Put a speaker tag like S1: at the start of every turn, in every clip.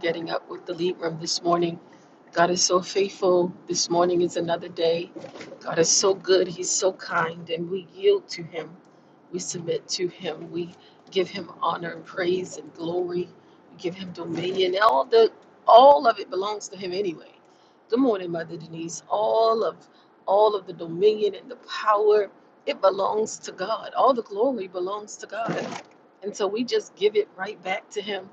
S1: getting up with the lead room this morning. God is so faithful. This morning is another day. God is so good. He's so kind. And we yield to Him. We submit to Him. We give Him honor and praise and glory. We give Him dominion. All the all of it belongs to Him anyway. Good morning, Mother Denise. All of all of the dominion and the power, it belongs to God. All the glory belongs to God. And so we just give it right back to Him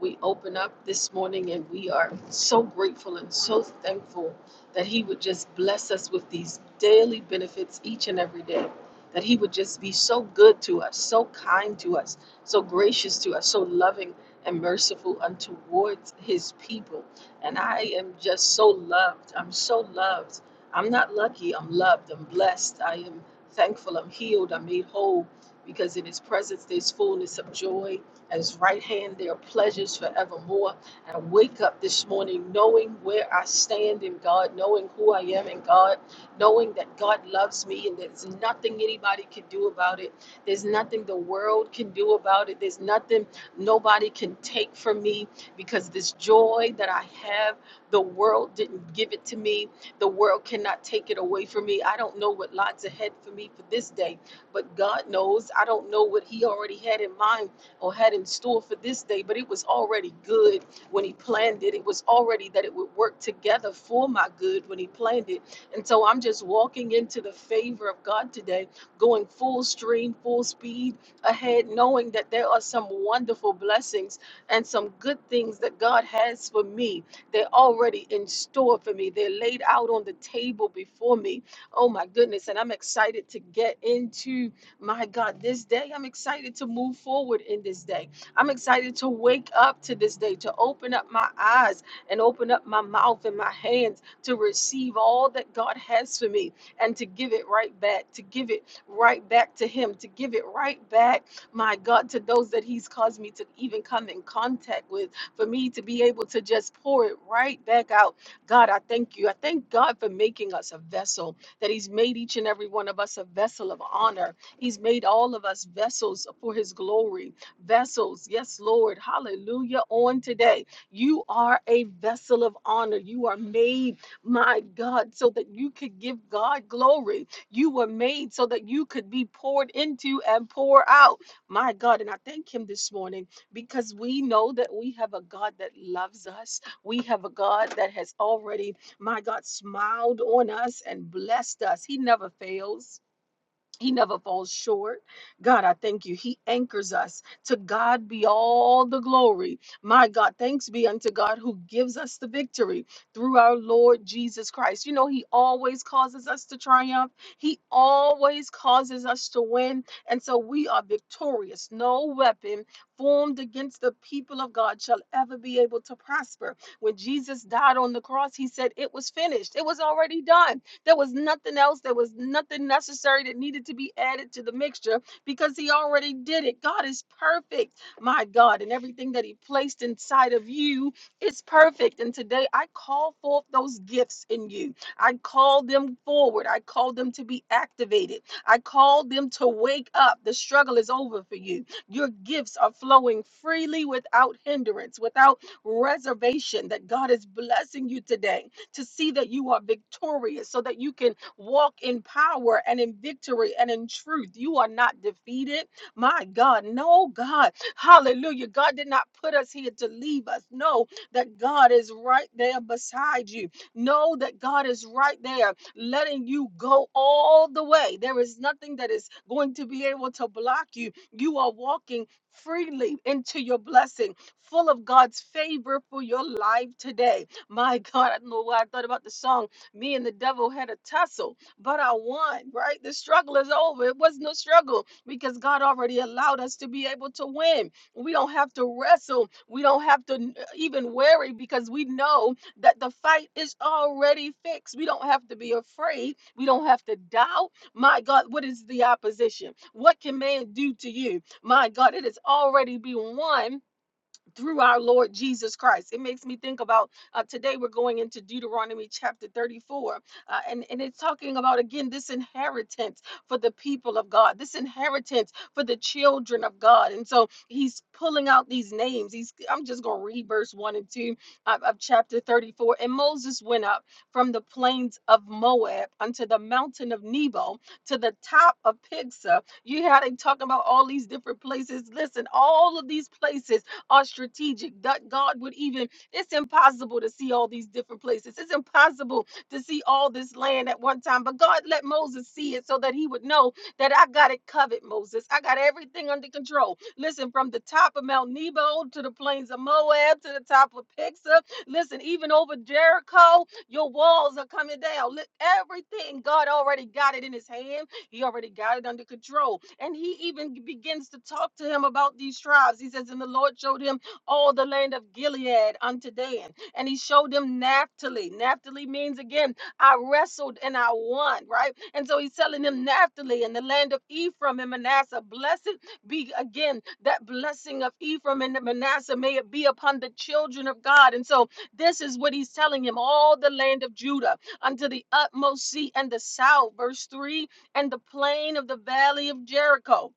S1: we open up this morning and we are so grateful and so thankful that he would just bless us with these daily benefits each and every day that he would just be so good to us so kind to us so gracious to us so loving and merciful unto towards his people and i am just so loved i'm so loved i'm not lucky i'm loved i'm blessed i am thankful i'm healed i'm made whole because in his presence there's fullness of joy at his right hand, there are pleasures forevermore. And I wake up this morning knowing where I stand in God, knowing who I am in God, knowing that God loves me and there's nothing anybody can do about it. There's nothing the world can do about it. There's nothing nobody can take from me because this joy that I have, the world didn't give it to me. The world cannot take it away from me. I don't know what lies ahead for me for this day, but God knows. I don't know what He already had in mind or had in store for this day, but it was already good when He planned it. It was already that it would work together for my good when He planned it. And so I'm just walking into the favor of God today, going full stream, full speed ahead, knowing that there are some wonderful blessings and some good things that God has for me. They're already in store for me, they're laid out on the table before me. Oh my goodness. And I'm excited to get into. My God, this day I'm excited to move forward in this day. I'm excited to wake up to this day, to open up my eyes and open up my mouth and my hands to receive all that God has for me and to give it right back, to give it right back to Him, to give it right back, my God, to those that He's caused me to even come in contact with, for me to be able to just pour it right back out. God, I thank you. I thank God for making us a vessel, that He's made each and every one of us a vessel of honor He's made all of us vessels for his glory. Vessels, yes, Lord. Hallelujah. On today, you are a vessel of honor. You are made, my God, so that you could give God glory. You were made so that you could be poured into and pour out, my God. And I thank him this morning because we know that we have a God that loves us. We have a God that has already, my God, smiled on us and blessed us. He never fails. He never falls short. God, I thank you. He anchors us. To God be all the glory. My God, thanks be unto God who gives us the victory through our Lord Jesus Christ. You know, He always causes us to triumph, He always causes us to win. And so we are victorious. No weapon formed against the people of God shall ever be able to prosper. When Jesus died on the cross, He said, It was finished, it was already done. There was nothing else. There was nothing necessary that needed to be added to the mixture because He already did it. God is perfect, my God, and everything that He placed inside of you is perfect. And today I call forth those gifts in you. I call them forward. I call them to be activated. I call them to wake up. The struggle is over for you. Your gifts are flowing freely without hindrance, without reservation, that God is blessing you today to see that you are victorious so that you can walk in power and in victory and in truth. You are not defeated. My God, no, God. Hallelujah. God did not put us here to leave us. Know that God is right there beside you. Know that God is right there letting you go all the way. There is nothing that is going to be able to block you. You are walking freely into your blessing, full of God's favor for your life today. My God, I don't know why I thought about the song. Me and the devil had a tussle, but I won, right? The struggle is over. It was no struggle because God already allowed us to be able to win. We don't have to wrestle. We don't have to n- uh, even worry because we know that the fight is already fixed. We don't have to be afraid. We don't have to doubt. My God, what is the opposition? What can man do to you? My God, it has already been won through our Lord Jesus Christ. It makes me think about uh, today we're going into Deuteronomy chapter 34, uh, and, and it's talking about again this inheritance for the people of God, this inheritance for the children of God. And so he's pulling out these names. He's I'm just going to read verse 1 and 2 of, of chapter 34. And Moses went up from the plains of Moab unto the mountain of Nebo to the top of Pisgah. You had him talking about all these different places. Listen, all of these places are strategic. That God would even, it's impossible to see all these different places. It's impossible to see all this land at one time. But God let Moses see it so that he would know that I got it covered, Moses. I got everything under control. Listen, from the top of Mount Nebo to the plains of Moab to the top of Pixar. Listen, even over Jericho, your walls are coming down. Look, everything, God already got it in his hand. He already got it under control. And he even begins to talk to him about these tribes. He says, And the Lord showed him all the land of Gilead unto Dan. And he showed him Naphtali. Naphtali means, again, I wrestled and I won, right? And so he's telling him Naphtali and the land of Ephraim and Manasseh. Blessed be, again, that blessing of Ephraim and Manasseh. May it be upon the children of God. And so this is what he's telling him all the land of Judah unto the utmost sea and the south. Verse 3 and the plain of the valley of Jericho,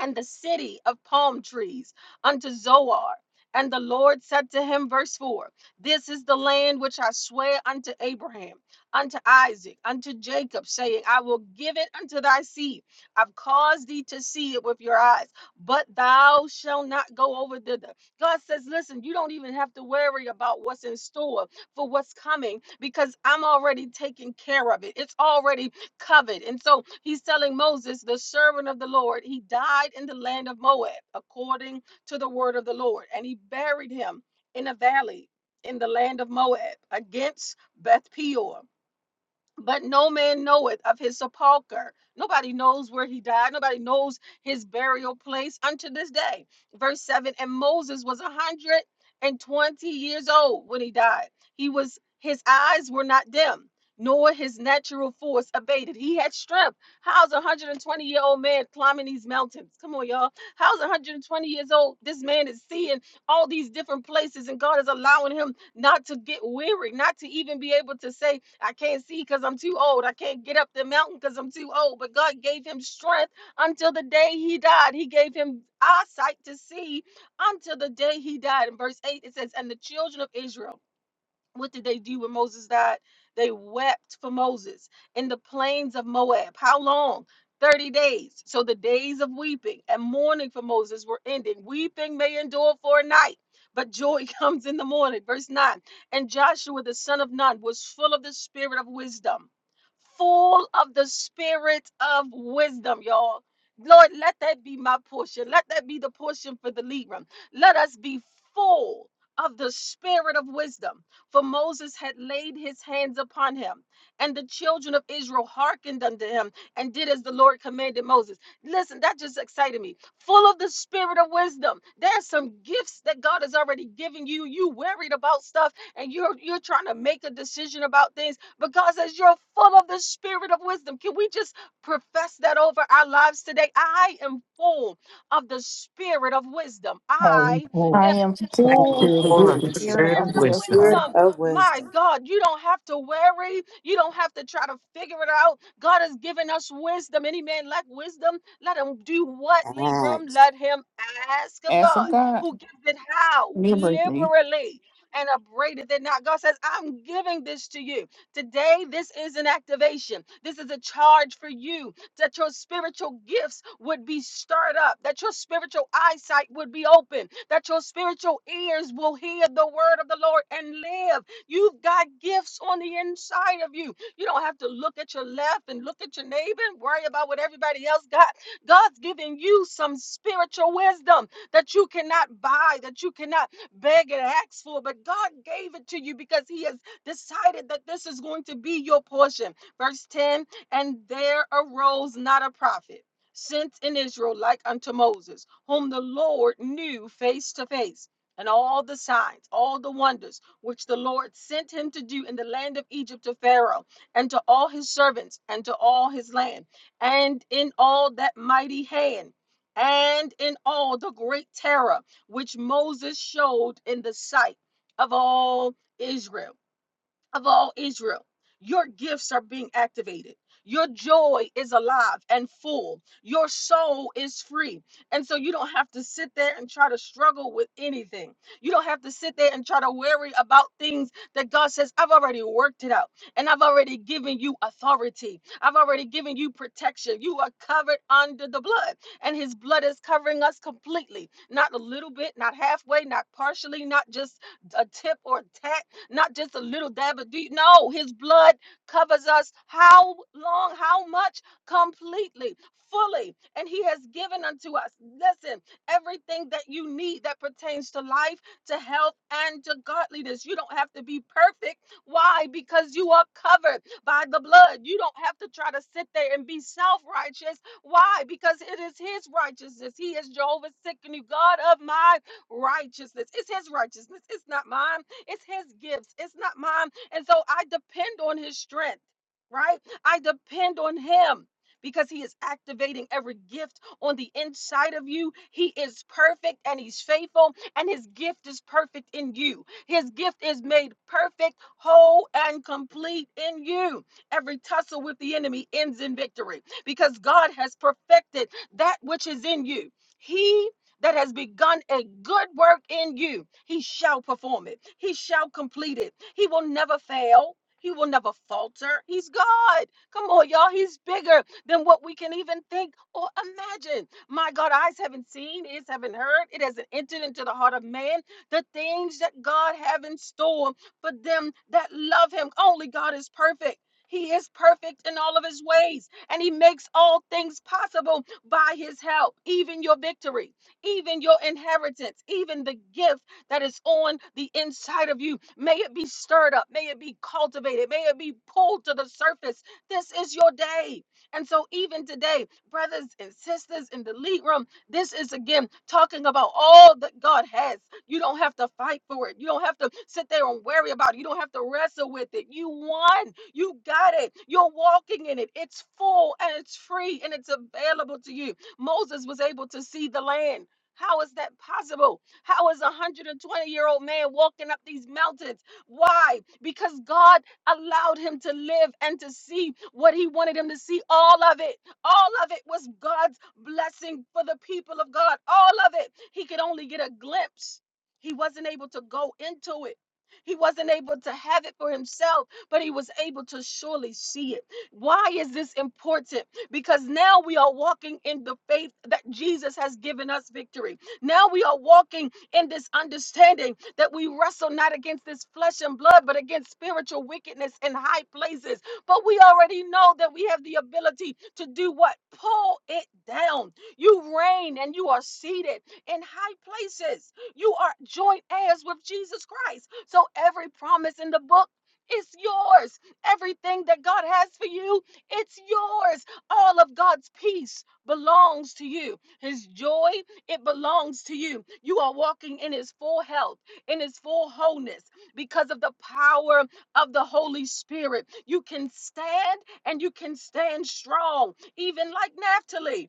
S1: and the city of palm trees, unto Zoar. And the Lord said to him, verse 4 This is the land which I swear unto Abraham, unto Isaac, unto Jacob, saying, I will give it unto thy seed. I've caused thee to see it with your eyes, but thou shalt not go over thither. God says, Listen, you don't even have to worry about what's in store for what's coming because I'm already taking care of it. It's already covet. And so he's telling Moses, the servant of the Lord, he died in the land of Moab according to the word of the Lord, and he buried him in a valley in the land of Moab against Beth Peor but no man knoweth of his sepulchre. Nobody knows where he died. Nobody knows his burial place unto this day. Verse 7 And Moses was a 120 years old when he died. He was, his eyes were not dim, nor his natural force abated. He had strength. How's a 120 year old man climbing these mountains? Come on, y'all. How's a 120 years old? This man is seeing all these different places, and God is allowing him not to get weary, not to even be able to say, I can't see because I'm too old. I can't get up the mountain because I'm too old. But God gave him strength until the day he died. He gave him eyesight to see until the day he died. In verse 8, it says, And the children of Israel what did they do when Moses died? They wept for Moses in the plains of Moab. How long? 30 days. So the days of weeping and mourning for Moses were ending. Weeping may endure for a night, but joy comes in the morning. Verse 9. And Joshua the son of Nun was full of the spirit of wisdom. Full of the spirit of wisdom, y'all. Lord, let that be my portion. Let that be the portion for the Libram. Let us be full of the spirit of wisdom for Moses had laid his hands upon him, and the children of Israel hearkened unto him and did as the Lord commanded Moses. Listen, that just excited me. Full of the spirit of wisdom. There's some gifts that God has already given you. You worried about stuff and you're you're trying to make a decision about things, but God says you're full of the spirit of wisdom. Can we just profess that over our lives today? I am full of the spirit of wisdom.
S2: I
S1: I
S2: hope
S3: I
S1: am
S3: am
S2: that
S4: I
S2: the
S4: can
S1: full
S3: full
S2: spirit
S3: of
S2: of
S4: feel
S3: the
S1: of the
S2: wisdom.
S4: the
S3: spirit
S4: spirit
S3: of
S1: spirit
S4: of
S1: of
S4: wisdom.
S5: Spirit
S3: wisdom.
S1: wisdom.
S5: of
S1: My
S5: wisdom.
S1: God, you don't have to worry. You don't have to try to figure it out. God has given us wisdom. Any man lack wisdom, let him do what, Leave Room.
S5: Acts.
S1: Let him ask of
S3: Ask of
S1: God,
S3: God,
S1: who gives it how?
S3: liberate
S1: Liberally and upbraided it not. God says, I'm giving this to you. Today, this is an activation. This is a charge for you that your spiritual gifts would be stirred up, that your spiritual eyesight would be open, that your spiritual ears will hear the word of the Lord and live You've got gifts on the inside of you. You don't have to look at your left and look at your neighbor and worry about what everybody else got. God's giving you some spiritual wisdom that you cannot buy, that you cannot beg and ask for, but God gave it to you because He has decided that this is going to be your portion. Verse 10 And there arose not a prophet sent in Israel like unto Moses, whom the Lord knew face to face. And all the signs, all the wonders which the Lord sent him to do in the land of Egypt to Pharaoh and to all his servants and to all his land, and in all that mighty hand. And in all the great terror which Moses showed in the sight of all Israel of all Israel. Your gifts are being activated. Your joy is alive and full. Your soul is free. And so you don't have to sit there and try to struggle with anything. You don't have to sit there and try to worry about things that God says, I've already worked it out and I've already given you authority. I've already given you protection. You are covered under the blood, and His blood is covering us completely. Not a little bit, not halfway, not partially, not just a tip or a tack not just a little dab, but do you know his blood covers us how long, how much? Completely, fully. And he has given unto us, listen, everything that you need that pertains to life, to health, and to godliness. You don't have to be perfect. Why? Because you are covered by the blood. You don't have to try to sit there and be self righteous. Why? Because it is his righteousness. He is Jehovah's sick God of my righteousness. It's his righteousness. It's not mine. It's his gifts. It's not mine. And so I depend on his strength, right? I depend on him because he is activating every gift on the inside of you. He is perfect and he's faithful, and his gift is perfect in you. His gift is made perfect, whole, and complete in you. Every tussle with the enemy ends in victory because God has perfected that which is in you. He that has begun a good work in you, he shall perform it. He shall complete it. He will never fail. He will never falter. He's God. Come on, y'all. He's bigger than what we can even think or imagine. My God, eyes haven't seen, ears haven't heard. It hasn't entered into the heart of man. The things that God have in store for them that love him. Only God is perfect. He is perfect in all of his ways, and he makes all things possible by his help, even your victory even your inheritance, even the gift that is on the inside of you. May it be stirred up, may it be cultivated, may it be pulled to the surface. This is your day. And so, even today, brothers and sisters in the lead room, this is again talking about all that God has. You don't have to fight for it. You don't have to sit there and worry about it. You don't have to wrestle with it. You won. You got it. You're walking in it. It's full and it's free and it's available to you. Moses was able to see the land. How is that possible? How is a 120 year old man walking up these mountains? Why? Because God allowed him to live and to see what he wanted him to see. All of it, all of it was God's blessing for the people of God. All of it. He could only get a glimpse. He wasn't able to go into it. He wasn't able to have it for himself, but he was able to surely see it. Why is this important? because now we are walking in the faith that Jesus has given us victory. Now we are walking in this understanding that we wrestle not against this flesh and blood, but against spiritual wickedness in high places. But we already know that we have the ability to do what? Pull it down. You reign and you are seated in high places. You are joint heirs with Jesus Christ. So every promise in the book. is yours. Everything that God has for you, it's yours. All of God's peace belongs to you. His joy, it belongs to you. You are walking in His full health, in His full wholeness because of the power of the Holy Spirit. You can stand and you can stand strong, even like Naphtali.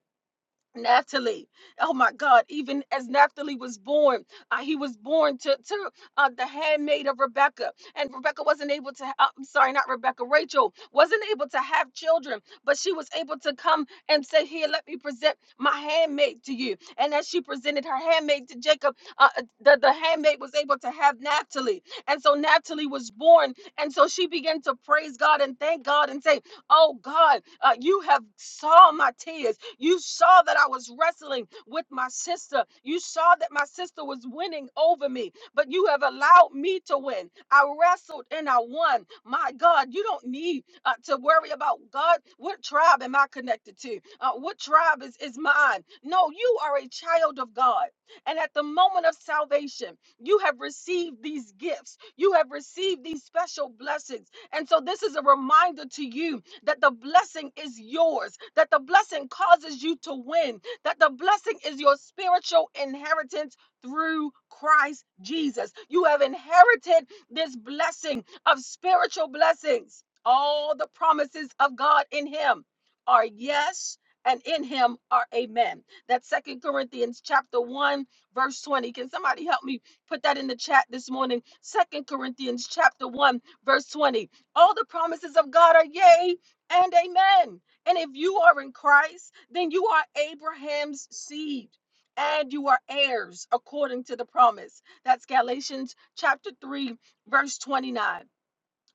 S1: Naphtali. Oh my God, even as Naphtali was born, uh, he was born to, to uh, the handmaid of Rebecca. And Rebecca wasn't able to, uh, I'm sorry, not Rebecca, Rachel wasn't able to have children, but she was able to come and say, Here, let me present my handmaid to you. And as she presented her handmaid to Jacob, uh, uh, the, the handmaid was able to have Naphtali. And so Naphtali was born. And so she began to praise God and thank God and say, Oh God, uh, you have saw my tears. You saw that I was wrestling with my sister. You saw that my sister was winning over me, but you have allowed me to win. I wrestled and I won. My God, you don't need uh, to worry about God. What tribe am I connected to? Uh, what tribe is, is mine? No, you are a child of God. And at the moment of salvation, you have received these gifts, you have received these special blessings. And so, this is a reminder to you that the blessing is yours, that the blessing causes you to win, that the blessing is your spiritual inheritance through Christ Jesus. You have inherited this blessing of spiritual blessings. All the promises of God in Him are yes. And in him are amen. That's Second Corinthians chapter 1, verse 20. Can somebody help me put that in the chat this morning? Second Corinthians chapter 1, verse 20. All the promises of God are yea and amen. And if you are in Christ, then you are Abraham's seed and you are heirs according to the promise. That's Galatians chapter 3, verse 29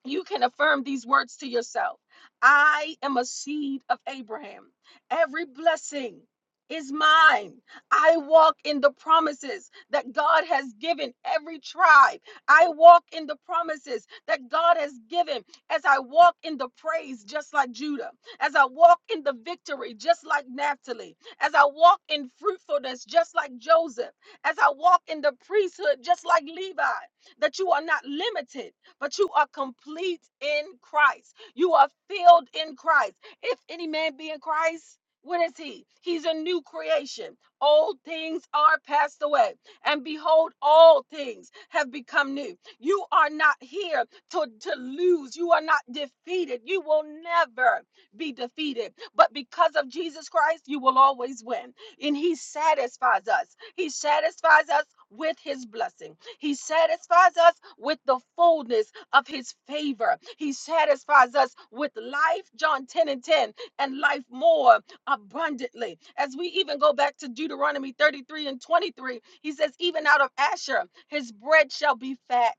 S1: you can affirm these words to yourself I am a seed of Abraham. Every blessing is mine. I walk in the promises that God has given every tribe. I walk in the promises that God has given as I walk in the praise, just like Judah, as I walk in the victory, just like Naphtali, as I walk in fruitfulness, just like Joseph, as I walk in the priesthood, just like Levi, that you are not limited but you are complete in Christ. You are filled in Christ. If any man be in Christ, what is he? He's a new creation. Old things are passed away, and behold, all things have become new. You are not here to, to lose. You are not defeated. You will never be defeated. But because of Jesus Christ, you will always win. And he satisfies us. He satisfies us with his blessing. He satisfies us with the fullness of his favor. He satisfies us with life, John 10 and 10, and life more abundantly. As we even go back to Deuteronomy 33 and 23, he says, Even out of Asher, his bread shall be fat.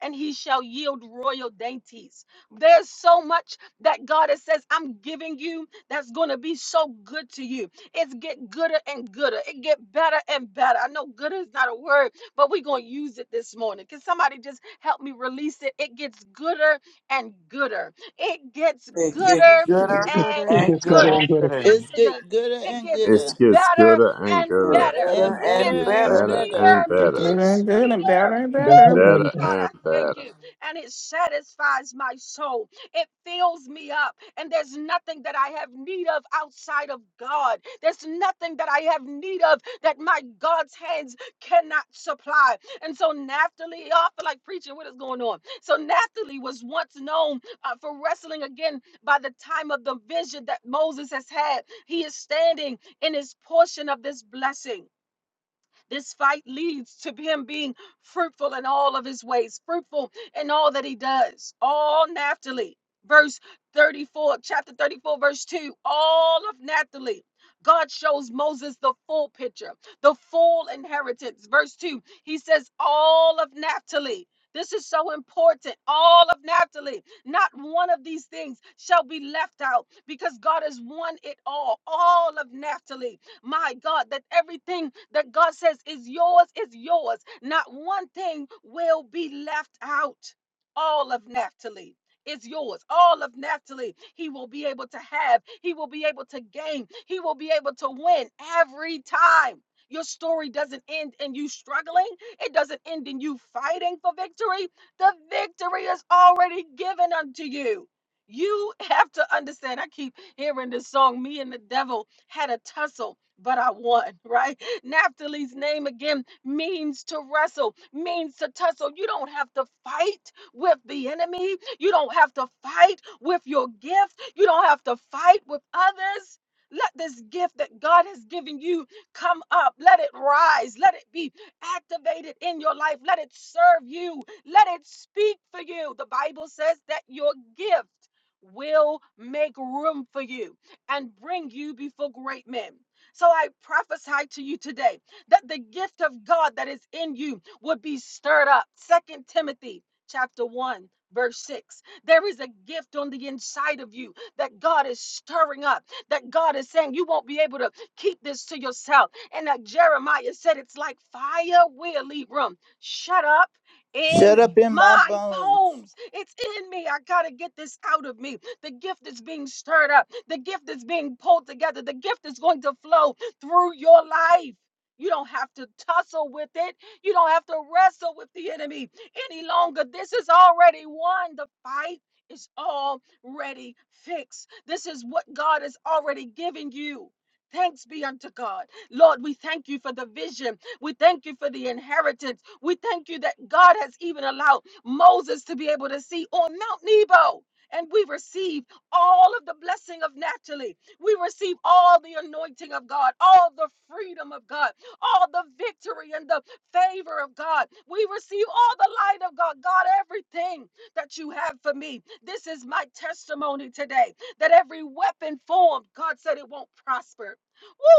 S1: And he shall yield royal dainties. There's so much that God has says, I'm giving you that's going to be so good to you. It's get gooder and gooder. It get better and better. I know gooder is not a word but we're going to use it this morning. Can somebody just help me release it? It gets gooder and gooder. It gets
S6: It gets
S4: Thank
S1: gooder
S4: you,
S2: It's
S6: gooder
S2: good.
S1: and
S2: It
S4: Twitter.
S6: and
S2: gets
S1: gooder.
S2: gooder
S6: gooder
S4: and
S2: and gooder,
S4: Twitter.
S7: It's
S1: Yesterday,
S7: get gooder
S1: it
S7: and
S1: gets
S8: It
S7: gooder
S8: gets
S1: better
S8: gooder and
S1: and
S6: and
S8: gooder.
S1: better.
S8: It
S6: better
S7: and
S1: It
S7: better
S6: and
S1: gets
S8: gets
S7: and
S6: better.
S8: better
S7: better.
S1: sweeter
S8: and
S3: It's
S1: and
S8: better.
S3: very good and better
S1: sweeter.
S3: and
S1: Woo!
S2: better
S3: better.
S2: and
S8: Better
S2: better.
S1: God, I
S8: and
S1: thank
S8: better.
S1: you. And it satisfies my soul. It fills me up. And there's nothing that I have need of outside of God. There's nothing that I have need of that my God's hands cannot supply. And so Naphtali, y'all feel like preaching, what is going on? So Naphtali was once known uh, for wrestling again by the time of the vision that Moses has had. He is standing in his portion of this blessing. This fight leads to him being fruitful in all of his ways, fruitful in all that he does. All Naphtali, verse 34, chapter 34, verse 2, all of Naphtali. God shows Moses the full picture, the full inheritance. Verse 2, he says, All of Naphtali. This is so important. All of Naphtali, not one of these things shall be left out because God has won it all. All of Naphtali my God, that everything that God says is yours is yours. Not one thing will be left out. All of Naphtali is yours. All of Naphtali, he will be able to have, he will be able to gain, he will be able to win every time. Your story doesn't end in you struggling. It doesn't end in you fighting for victory. The victory is already given unto you. You have to understand. I keep hearing this song, me and the devil had a tussle. But I won, right? Naphtali's name again means to wrestle, means to tussle. You don't have to fight with the enemy. You don't have to fight with your gift. You don't have to fight with others. Let this gift that God has given you come up. Let it rise. Let it be activated in your life. Let it serve you. Let it speak for you. The Bible says that your gift will make room for you and bring you before great men. So I prophesy to you today that the gift of God that is in you would be stirred up. Second Timothy chapter 1 verse 6 there is a gift on the inside of you that God is stirring up that God is saying you won't be able to keep this to yourself and that Jeremiah said it's like fire will leave room shut up in
S7: Shut up in my
S1: my
S7: bones.
S1: poems, It's in me. I got to get this out of me. The gift is being stirred up, the gift is being pulled together, the gift is going to flow through your life. You don't have to tussle with it. You don't have to wrestle with the enemy any longer. This is already won. The fight is already fixed. This is what God has already given you. Thanks be unto God. Lord, we thank you for the vision we thank you for the inheritance. We thank you that God has even allowed Moses to be able to see on Mount Nebo. And we receive all of the blessing of naturally. We receive all the anointing of God, all the freedom of God, all the victory and the favor of God. We receive all the light of God. God, everything that you have for me. This is my testimony today that every weapon formed, God said it won't prosper.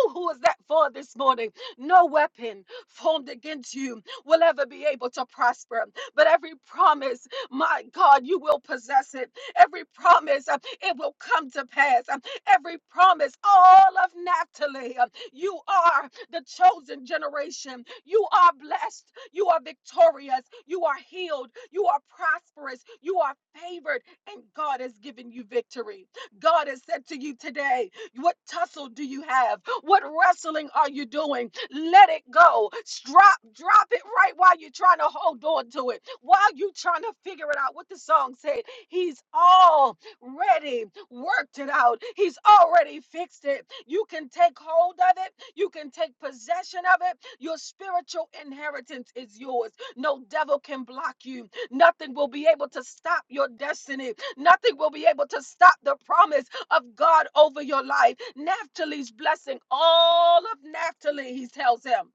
S1: Woo, who is that for this morning? No weapon formed against you will ever be able to prosper. But every promise, my God, you will possess it. Every promise, uh, it will come to pass. Um, Every promise, all of Naphtali, um, you are the chosen generation. You are blessed. You are victorious. You are healed. You are prosperous. You are favored. And God has given you victory. God has said to you today, What tussle do you have? What wrestling are you doing? Let it go. Drop, drop it right while you're trying to hold on to it. While you're trying to figure it out what the song said. He's already worked it out. He's already fixed it. You can take hold of it. You can take possession of it. Your spiritual inheritance is yours. No devil can block you. Nothing will be able to stop your destiny. Nothing will be able to stop the promise of God over your life. Naphtali's blessing, all of Naphtali, he tells him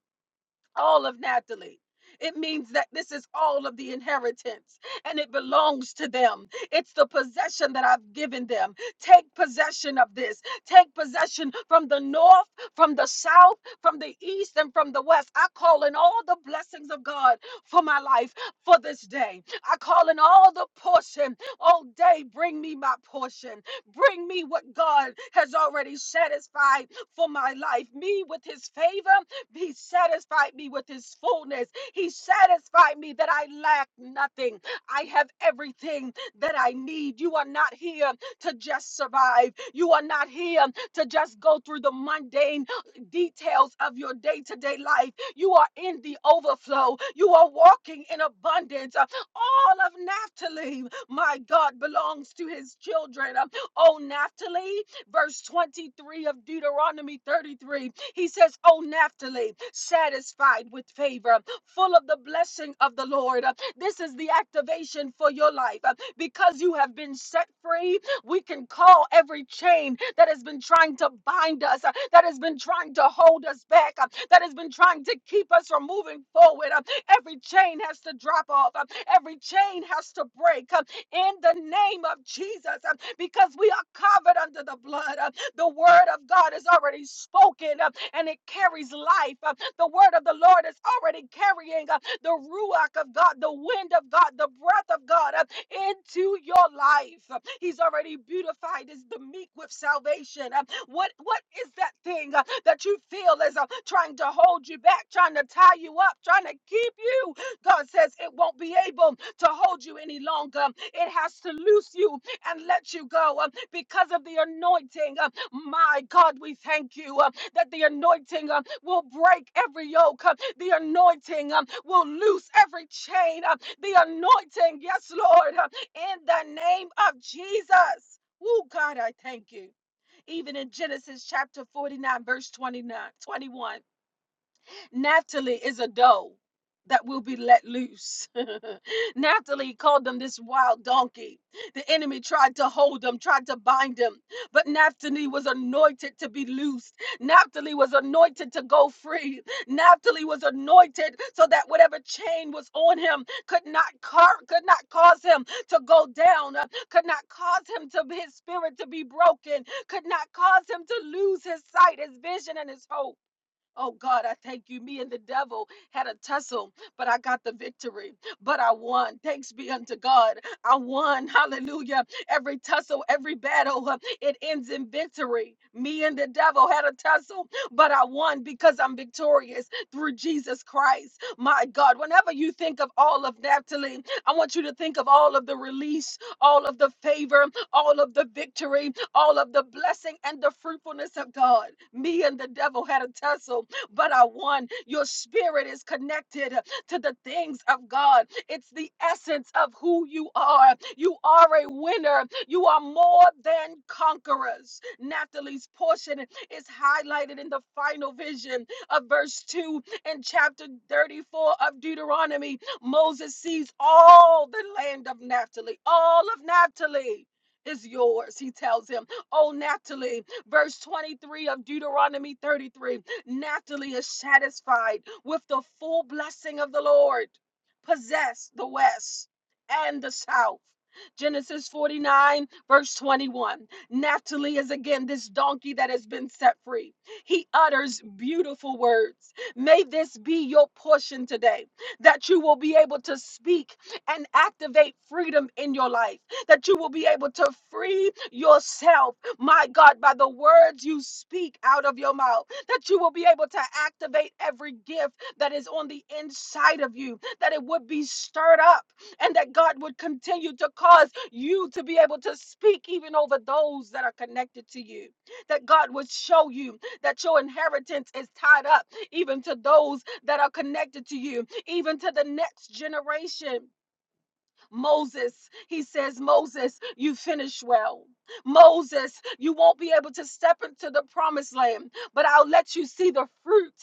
S1: all of Natalie. It means that this is all of the inheritance and it belongs to them. It's the possession that I've given them. Take possession of this. Take possession from the north, from the south, from the east, and from the west. I call in all the blessings of God for my life for this day. I call in all the portion. All day, bring me my portion. Bring me what God has already satisfied for my life. Me with his favor he satisfied me with his fullness. He satisfied me that I lack nothing. I have everything that I need. You are not here to just survive. You are not here to just go through the mundane details of your day to day life. You are in the overflow. You are walking in abundance. Uh, All of Naphtali, my God, belongs to his children. Um, Oh, Naphtali, verse 23 of Deuteronomy 33. He says, Oh, Naphtali, satisfied with favor, full of the blessing of the Lord. Uh, This is the activation for your life. Uh, Because you have been set free, we can call every chain that has been trying to bind us, uh, that has been trying to hold us back, uh, that has been trying to keep us from moving forward. Uh, Every chain has to drop off, Uh, every chain has to break. Uh, in the name of Jesus uh, because we are covered under the blood. uh, the word of God is already spoken uh, and it carries life. uh, The word of the Lord is already carrying uh, the ruach of God, the wind of God, the breath of God uh, into your life. Uh, He's already beautified as the meek with salvation. Uh, What what is that thing uh, that you feel is uh, trying to hold you back, trying to tie you up, trying to keep you? God says it won't be able to hold you any longer. It has to loose you and let you go uh, because of the anointing. uh, my God, we thank you uh, that the anointing uh, will break every yoke. uh, the anointing um, will loose every chain. uh, the anointing, yes, Lord, uh, in the name of Jesus. Oh, God, I thank you. Even in Genesis chapter 49, verse 29, 21. Naphtali is a doe that will be let loose. Naphtali called them this wild donkey. The enemy tried to hold him, tried to bind him, but Naphtali was anointed to be loosed. Naphtali was anointed to go free. Naphtali was anointed so that whatever chain was on him could not car- could not cause him to go down, uh, could not cause him to his spirit to be broken, could not cause him to lose his sight, his vision, and his hope. Oh God, I thank you. Me and the devil had a tussle, but I got the victory. But I won. Thanks be unto God. I won. Hallelujah. Every tussle, every battle, uh, it ends in victory. Me and the devil had a tussle, but I won because I'm victorious through Jesus Christ. My God, whenever you think of all of Naphtali, I want you to think of all of the release, all of the favor, all of the victory, all of the blessing and the fruitfulness of God. Me and the devil had a tussle but are one. Your spirit is connected to the things of God. It's the essence of who you are. You are a winner. You are more than conquerors. Natalie's portion is highlighted in the final vision of verse 2 in chapter 34 of Deuteronomy. Moses sees all the land of Naphtali, all of Naphtali. Is yours, he tells him. Oh, Naphtali, verse 23 of Deuteronomy 33. Naphtali is satisfied with the full blessing of the Lord, possess the west and the south. Genesis 49, verse 21. Naphtali is again this donkey that has been set free. He utters beautiful words. May this be your portion today, that you will be able to speak and activate freedom in your life, that you will be able to free yourself my God, by the words you speak out of your mouth, that you will be able to activate every gift that is on the inside of you, that it would be stirred up, and that God would continue to cause you to be able to speak even over those that are connected to you, that God would show you that your inheritance is tied up even to those that are connected to you, even to the next generation Moses, he says, Moses, you finish well. Moses, you won't be able to step into the promised land, but I'll let you see the fruit.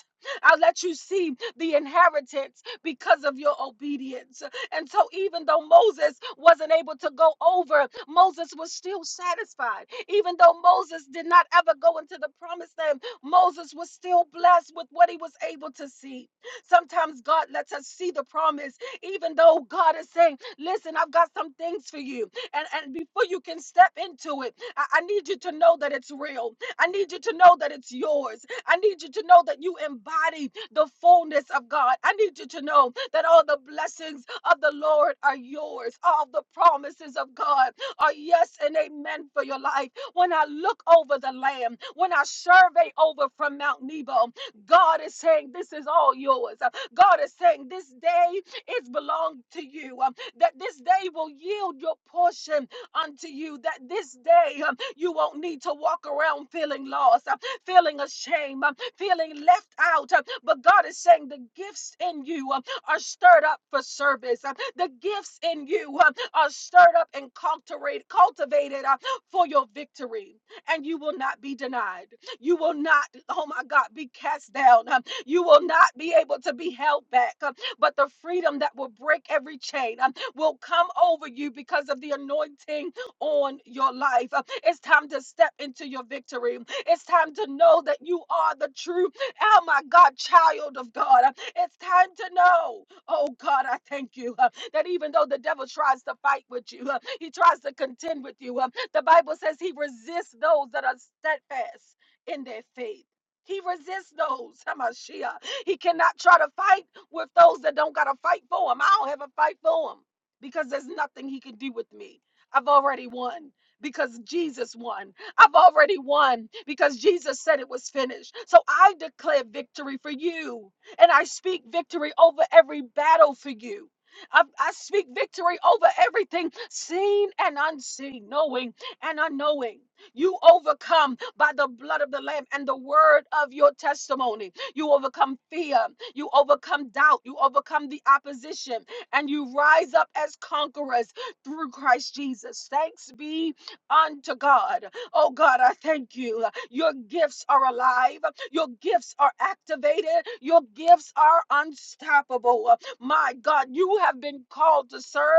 S1: I'll let you see the inheritance because of your obedience. And so, even though Moses wasn't able to go over, Moses was still satisfied. Even though Moses did not ever go into the promised land, Moses was still blessed with what he was able to see. Sometimes God lets us see the promise, even though God is saying, Listen, I've got some things for you. And, and before you can step into it, I, I need you to know that it's real. I need you to know that it's yours. I need you to know that you embody the fullness of God. I need you to know that all the blessings of the Lord are yours. All the promises of God are yes and amen for your life. When I look over the land, when I survey over from Mount Nebo, God is saying, This is all yours. Uh, God is saying, This day is belong to you. Um, that this day will yield your portion unto you, that this day um, you won't need to walk around feeling lost, uh, feeling ashamed, um, feeling left out. uh, But God is saying the gifts in you um, are stirred up for service. uh, The gifts in you um, are stirred up and cultivate- cultivated uh, for your victory, and you will not be denied. You will not, oh my God, be cast down. um, You will not be able to be held back. um, but the freedom that will break every chain um, will come over you because of the anointing on your life. Uh, It's time to step into your victory. Um, It's time to know that you are the true, oh my God, child of God. Uh, It's time to know, oh God, I thank you uh, that even though the devil tries to fight with you, uh, he tries to contend with you. uh, The Bible says he resists those that are steadfast in their faith. He resists those, Hamashiach. He cannot try to fight with those that don't got to fight for him. I don't have a fight for him because there's nothing he can do with me. I've already won because Jesus won. I've already won because Jesus said it was finished. So I declare victory for you and I speak victory over every battle for you. I, I speak victory over everything seen and unseen, knowing and unknowing. You overcome by the blood of the Lamb and the word of your testimony. You overcome fear. You overcome doubt. You overcome the opposition. And you rise up as conquerors through Christ Jesus. Thanks be unto God. Oh God, I thank you. Your gifts are alive. Your gifts are activated. Your gifts are unstoppable. My God, you have been called to serve.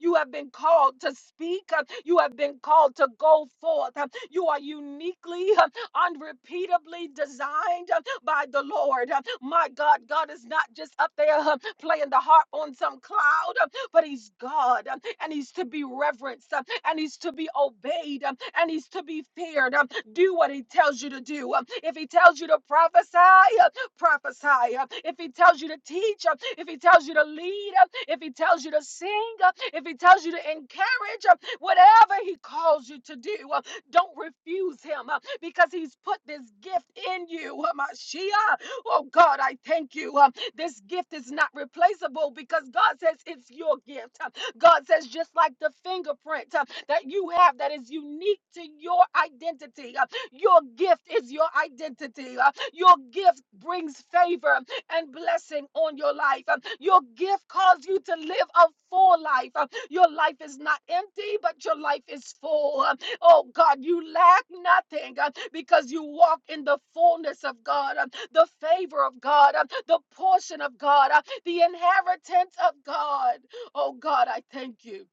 S1: You have been called to speak. You have been called to go forth. You are uniquely unrepeatably designed uh, by the Lord. Uh, My God, God is not just up there uh, playing the harp on some cloud, uh, but He's God uh, and He's to be reverenced uh, and He's to be obeyed uh, and He's to be feared. uh, Do what He tells you to do. Uh, If He tells you to prophesy, uh, prophesy, uh, if he tells you to teach, uh, if he tells you to lead, uh, if he tells you to sing, uh, if he tells you to encourage, uh, whatever he calls you to do, uh, don't refuse him uh, because he's put this gift in you. uh, Mashiach. Oh God, I thank you. uh, This gift is not replaceable because God says it's your gift. uh, God says, just like the fingerprint uh, that you have that is unique to your identity. uh, your gift is your identity. Uh, Your gift brings favor and blessing on your life. Um, Your gift calls you to live a full life. Um, Your life is not empty, but your life is full. Um, Oh God, you lack nothing um, because you walk in the fullness of God, um, the favor of God, um, the portion of God, uh, the inheritance of God. Oh God, I thank you.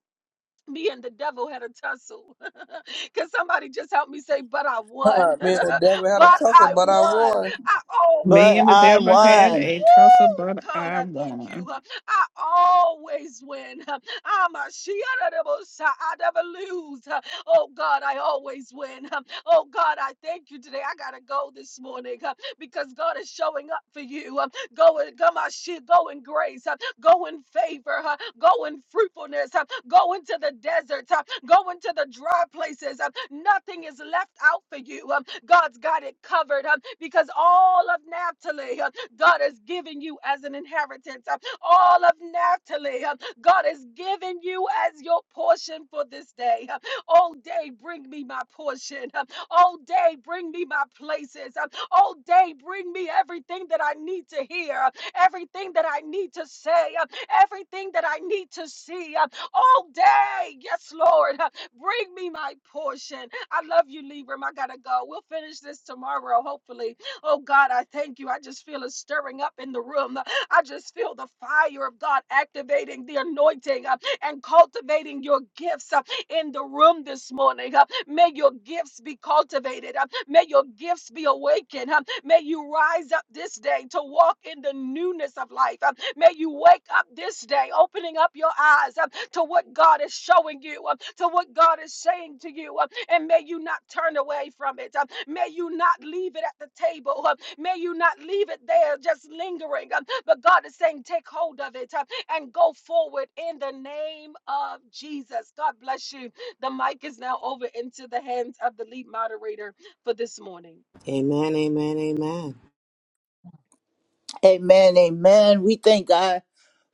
S1: me and the devil had a tussle. Can somebody just help me say, but I won?
S6: Huh, me and the devil had a
S1: but
S6: tussle,
S1: I
S6: but I
S1: won.
S6: won.
S1: I always
S3: Me
S7: But
S3: and the
S7: I
S1: win.
S3: devil had
S7: won.
S3: a tussle,
S1: Woo!
S3: but
S1: God,
S3: I
S1: I thank
S3: won.
S1: you. I always win. I'm a Shia. I never lose. Oh God, I always win. Oh God, I thank you today. I gotta go this morning uh, because God is showing up for you. Um, Go in, come on, shit, go in grace, uh, go in favor, uh, go in fruitfulness, uh, go into the desert, uh, go into the dry places. uh, Nothing is left out for you. Um, God's got it covered um, because all of Naphtali, God is giving you as an inheritance. uh, All of Naphtali, uh, God is giving you as your portion for this day. uh, All day, bring me my portion. uh, All day, bring me my places. uh, All day, bring me everything that I need to hear, uh, everything that I need to say, uh, everything that I need to see. uh, All day, yes, Lord, uh, bring me my portion. I love you, Libram. I gotta go. We'll finish this tomorrow, hopefully. Oh God, I thank you. I just feel it stirring up in the room. I just feel the fire of God activating the anointing uh, and cultivating your gifts uh, in the room this morning. Uh, May your gifts be cultivated. Uh, May your gifts be awakened. Uh, May you rise up this day to walk in the newness of life. Uh, May you wake up this day, opening up your eyes uh, to what God is showing you, uh, to what God is saying to you. uh, And may you not turn away from it. Uh, May you not leave it at the table. uh, May you not leave it there just lingering. uh, But God is saying, take hold of it uh, and go forward in the name of Jesus. God bless you. The mic is now over into the hands of the lead moderator for this morning.
S5: Amen, amen, amen.
S7: Amen. Amen. We thank God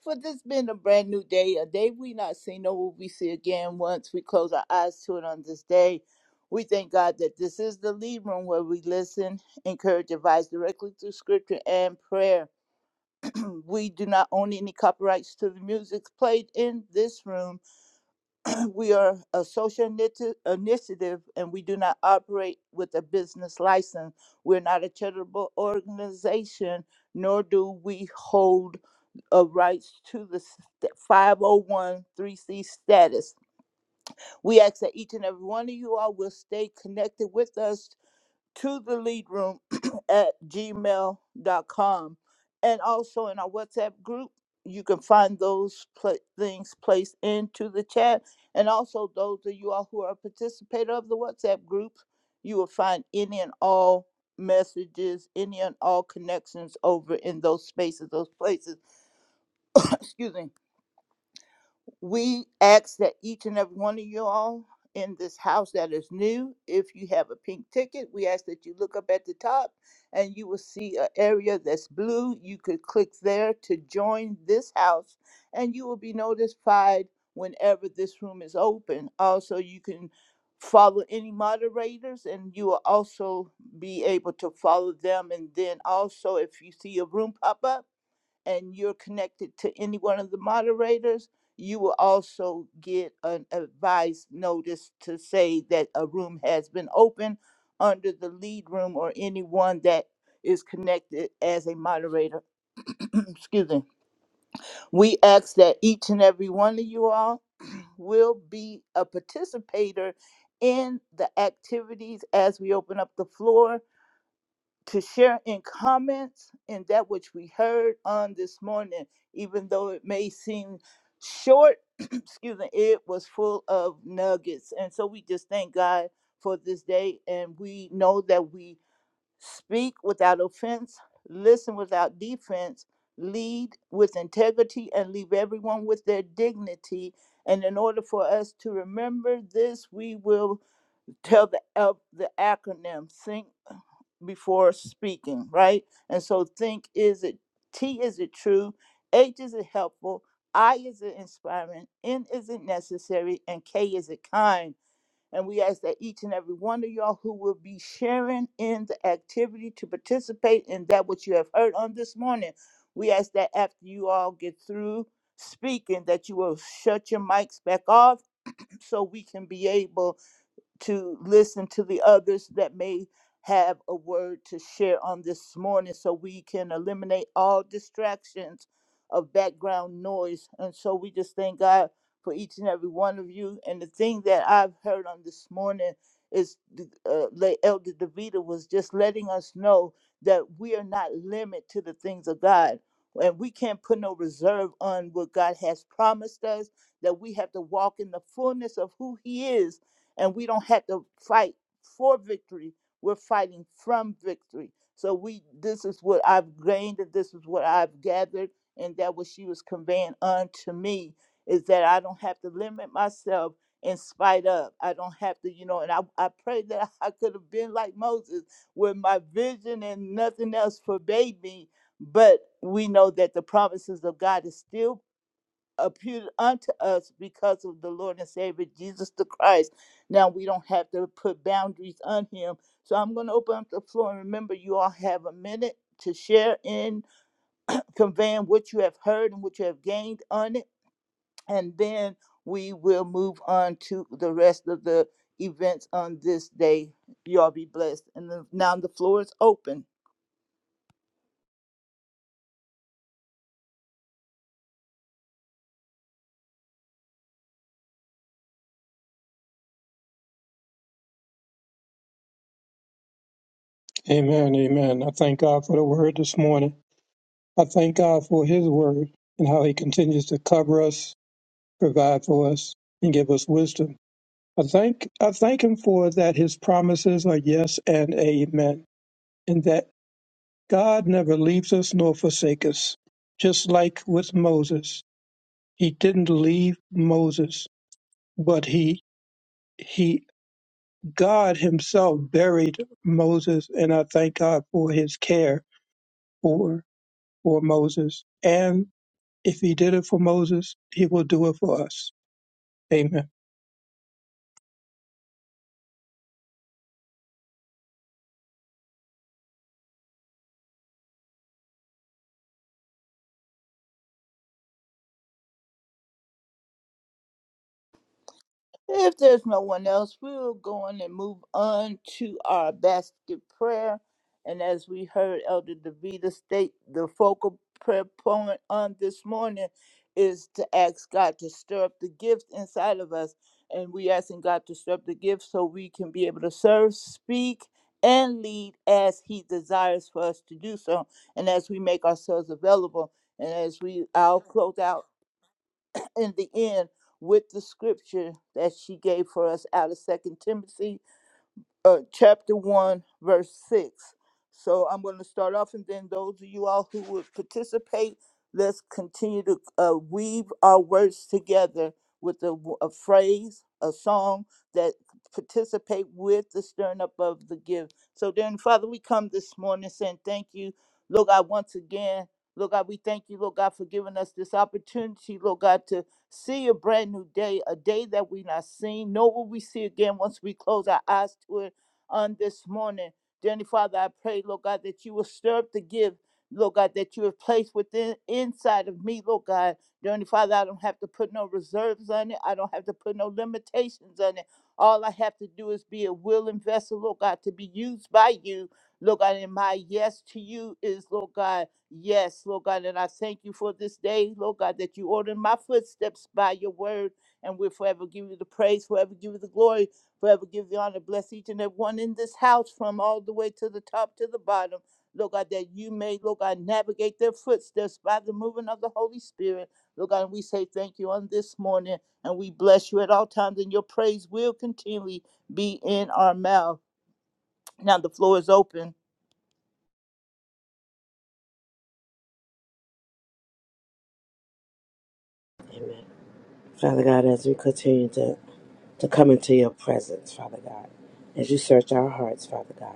S7: for this being a brand new day, a day we not seen nor will we see again once we close our eyes to it on this day. We thank God that this is the lead room where we listen, encourage, advise directly through scripture and prayer. we do not own any copyrights to the music played in this room We are a social initi- initiative and we do not operate with a business license. We're not a charitable organization, nor do we hold of rights to the st- 501c status. We ask that each and every one of you all will stay connected with us to the lead room at gmail dot com, and also in our whatsapp group you can find those pla things placed into the chat and also those of you all who are a participator of the whatsapp group you will find any and all messages any and all connections over in those spaces those places excuse me we ask that each and every one of you all in this house that is new, if you have a pink ticket, we ask that you look up at the top and you will see an area that's blue. You could click there to join this house and you will be notified whenever this room is open. Also, you can follow any moderators and you will also be able to follow them. And then also, if you see a room pop up, and you're connected to any one of the moderators, you will also get an advice notice to say that a room has been open under the lead room or anyone that is connected as a moderator. Excuse me. We ask that each and every one of you all will be a participator in the activities as we open up the floor to share in comments in that which we heard on this morning, even though it may seem short, excuse me, it was full of nuggets. And so we just thank God for this day. And we know that we speak without offense, listen without defense, lead with integrity, and leave everyone with their dignity. And in order for us to remember this, we will tell the, uh, the acronym, Think before speaking, right? And so think is it T is it true? H is it helpful? I is it inspiring? N is it necessary? And K is it kind? And we ask that each and every one of y'all who will be sharing in the activity to participate in that which you have heard on this morning, we ask that after you all get through speaking, that you will shut your mics back off so we can be able to listen to the others that may have a word to share on this morning so we can eliminate all distractions of background noise. And so we just thank God for each and every one of you. And the thing that I've heard on this morning is the, uh, La- Elder Davida was just letting us know that we are not limited to the things of God. And we can't put no reserve on what God has promised us, that we have to walk in the fullness of who He is and we don't have to fight for victory. We're fighting from victory. So we this is what I've gained and this is what I've gathered and that what she was conveying unto me is that I don't have to limit myself in spite of. I don't have to, you know, and I, I pray that I could have been like Moses where my vision and nothing else forbade me. But we know that the promises of God is still appeared unto us because of the Lord and Savior Jesus the Christ. Now we don't have to put boundaries on him. So I'm going to open up the floor and remember you all have a minute to share in conveying what you have heard and what you have gained on it and then we will move on to the rest of the events on this day. You all be blessed. And the, now the floor is open.
S2: Amen. Amen. I thank God for the word this morning. I thank God for His word and how He continues to cover us, provide for us, and give us wisdom. I thank I thank Him for that. His promises are yes and amen, and that God never leaves us nor forsakes us. Just like with Moses, He didn't leave Moses, but He he God himself buried Moses, and I thank God for his care for, for Moses. And if he did it for Moses, he will do it for us. Amen.
S7: If there's no one else, we will go on and move on to our basket prayer. And as we heard Elder DeVita state, the focal prayer point on this morning is to ask God to stir up the gift inside of us. And we asking God to stir up the gift so we can be able to serve, speak, and lead as He desires for us to do so. And as we make ourselves available, and as we, I'll close out in the end with the scripture that she gave for us out of Second Timothy uh, chapter 1, verse 6. So I'm going to start off, and then those of you all who would participate, let's continue to uh, weave our words together with a, w- a phrase, a song that participate with the stirring up of the gift. So then, Father, we come this morning saying thank you, Lord God, once again. Lord God, we thank you, Lord God, for giving us this opportunity, Lord God, to see a brand new day, a day that we not seen, nor will we see again once we close our eyes to it on this morning. Dear Father, I pray, Lord God, that you will stir up the gift, Lord God, that you have placed within inside of me, Lord God. Dear Father, I don't have to put no reserves on it. I don't have to put no limitations on it. All I have to do is be a willing vessel, Lord God, to be used by you. Lord God, and my yes to you is, Lord God, yes, Lord God. And I thank you for this day, Lord God, that you ordered my footsteps by your word. And we'll forever give you the praise, forever give you the glory. Forever give you honor. Bless each and every one in this house from all the way to the top to the bottom. Lord God, that you may, Lord God, navigate their footsteps by the moving of the Holy Spirit. Lord God, and we say thank you on this morning and we bless you at all times and your praise will continually be in our mouth. Now the floor is open.
S5: Amen. Father God, as we continue to to come into your presence, Father God, as you search our hearts, Father God,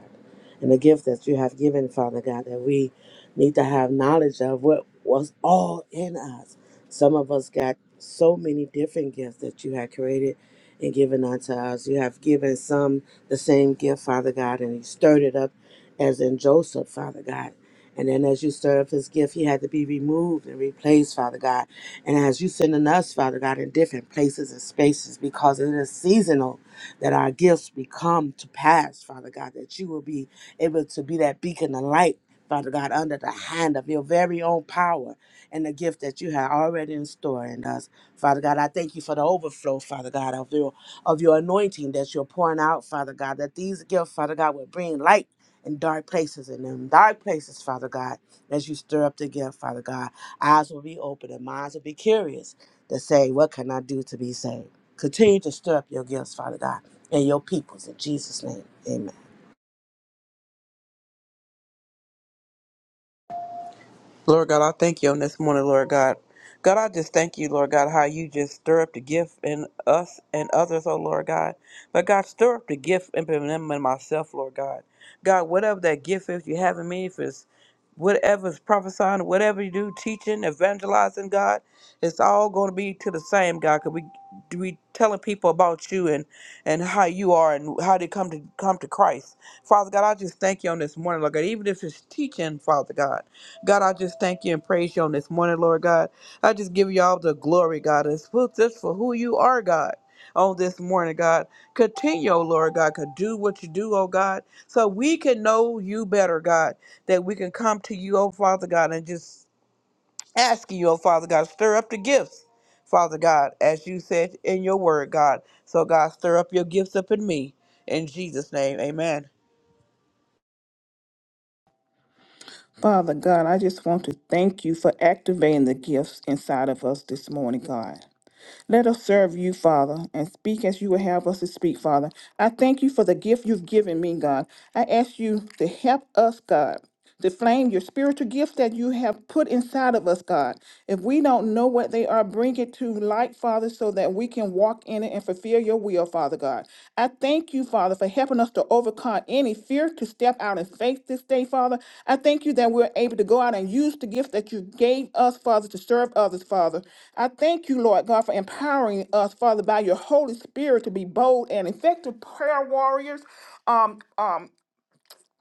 S5: and the gift that you have given, Father God, that we need to have knowledge of what was all in us. Some of us got so many different gifts that you had created and given unto us. You have given some the same gift, Father God, and you stirred it up as in Joseph, Father God. And then as you stirred up his gift, he had to be removed and replaced, Father God. And as you sending us, Father God, in different places and spaces, because it is seasonal that our gifts become to pass, Father God, that you will be able to be that beacon of light, Father God, under the hand of your very own power and the gift that you have already in store in us. Father God, I thank you for the overflow, Father God, of your of your anointing that you're pouring out, Father God, that these gifts, Father God, will bring light in dark places and in them dark places, Father God, as you stir up the gift, Father God. Eyes will be open and minds will be curious to say, What can I do to be saved? Continue to stir up your gifts, Father God, and your peoples in Jesus' name. Amen.
S6: Lord God, I thank you on this morning, Lord God. God, I just thank you, Lord God, how you just stir up the gift in us and others, oh Lord God. But God, stir up the gift in them and myself, Lord God. God, whatever that gift is you have in me, if it's whatever's prophesying, whatever you do, teaching, evangelizing, God, it's all going to be to the same, God. Cause we we telling people about you and and how you are and how they come to come to Christ, Father God. I just thank you on this morning, Lord God. Even if it's teaching, Father God. God, I just thank you and praise you on this morning, Lord God. I just give you all the glory, God, and for- just for who you are, God, on this morning, God. Continue, oh Lord God, to do what you do, oh God, so we can know you better, God, that we can come to you, oh Father God, and just ask you, oh Father God, stir up the gifts, Father God, as you said in your word, God. So, God, stir up your gifts up in me. In Jesus' name, amen.
S3: Father God, I just want to thank you for activating the gifts inside of us this morning, God. Let us serve you, Father, and speak as you would have us to speak, Father. I thank you for the gift you've given me, God. I ask you to help us, God. the flame, your spiritual gifts that you have put inside of us, God. If we don't know what they are, bring it to light, Father, so that we can walk in it and fulfill your will, Father God. I thank you, Father, for helping us to overcome any fear to step out in faith this day, Father. I thank you that we're able to go out and use the gifts that you gave us, Father, to serve others, Father. I thank you, Lord God, for empowering us, Father, by your Holy Spirit to be bold and effective prayer warriors. Um, um,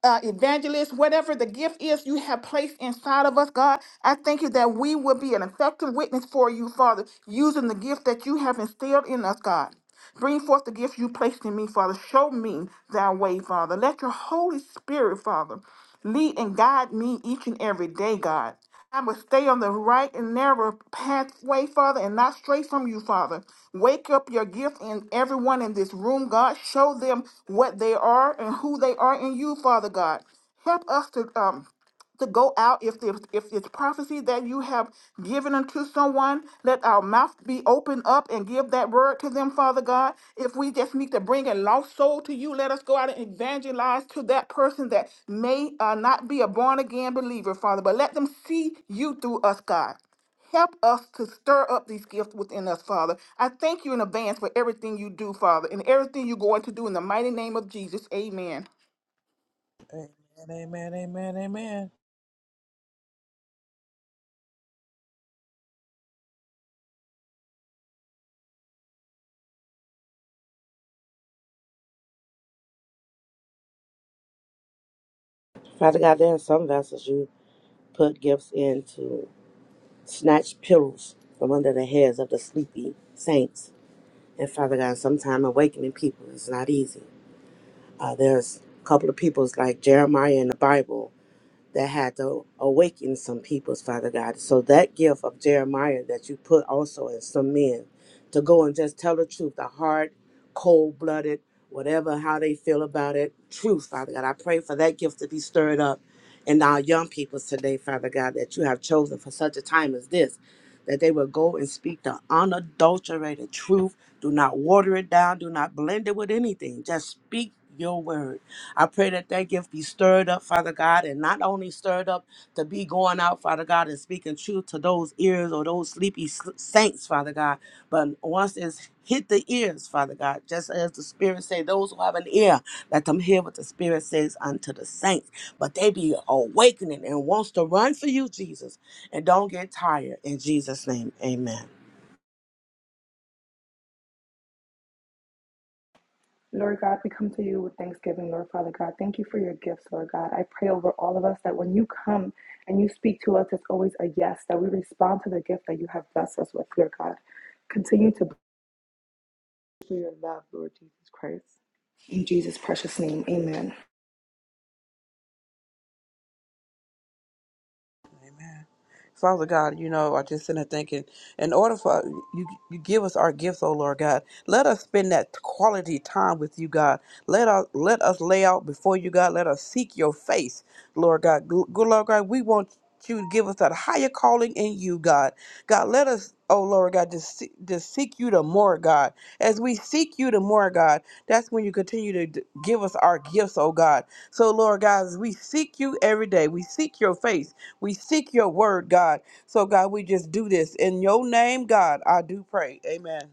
S3: uh, evangelist, whatever the gift is you have placed inside of us, God. I thank you that we will be an effective witness for you, Father, using the gift that you have instilled in us, God. Bring forth the gift you placed in me, Father. Show me thy way, Father. Let your Holy Spirit, Father, lead and guide me each and every day, God. I must stay on the right and narrow pathway, Father, and not stray from you, Father. Wake up your gift in everyone in this room, God. Show them what they are and who they are in you, Father God. Help us to um to go out if there's if it's prophecy that you have given unto someone let our mouth be open up and give that word to them father god if we just need to bring a lost soul to you let us go out and evangelize to that person that may uh, not be a born again believer father but let them see you through us god Help us to stir up these gifts within us, Father. I thank you in advance for everything you do, Father, and everything you're going to do in the mighty name of Jesus. Amen.
S6: Amen, amen, amen, amen.
S5: Father God, there are some vessels you put gifts in to snatch pillows from under the heads of the sleepy saints. And Father God, sometimes awakening people is not easy. Uh, there's a couple of peoples like Jeremiah in the Bible that had to awaken some peoples, Father God. So that gift of Jeremiah that you put also in some men to go and just tell the truth, the hard, cold blooded, whatever how they feel about it, truth, Father God. I pray for that gift to be stirred up in our young peoples today, Father God, that you have chosen for such a time as this. That they will go and speak the unadulterated truth. Do not water it down. Do not blend it with anything. Just speak your word I pray that that gift be stirred up, Father God, and not only stirred up to be going out, Father God, and speaking truth to those ears or those sleepy s- saints, Father God, but once it's hit the ears, Father God, just as the Spirit say, those who have an ear, let them hear what the Spirit says unto the saints. But they be awakening and wants to run for you, Jesus, and don't get tired. In Jesus' name, amen.
S9: Lord God, we come to you with thanksgiving, Lord Father God. Thank you for your gifts, Lord God. I pray over all of us that when you come and you speak to us, it's always a yes, that we respond to the gift that you have blessed us with, Lord God. Continue to bless us for your love, Lord Jesus Christ. In Jesus' precious name, amen.
S6: Father God, you know, I just sit there thinking, in order for you, you give us our gifts, oh Lord God. Let us spend that quality time with you, God. Let us let us lay out before you, God. Let us seek your face, Lord God. Good Lord God, we want you to give us that higher calling in you, God. God, let us, oh Lord God, just see- just seek you the more, God. As we seek you the more, God, that's when you continue to d- give us our gifts, oh God. So Lord God, as we seek you every day, we seek your face. We seek your word, God. So, God, we just do this. In your name, God, I do pray. Amen.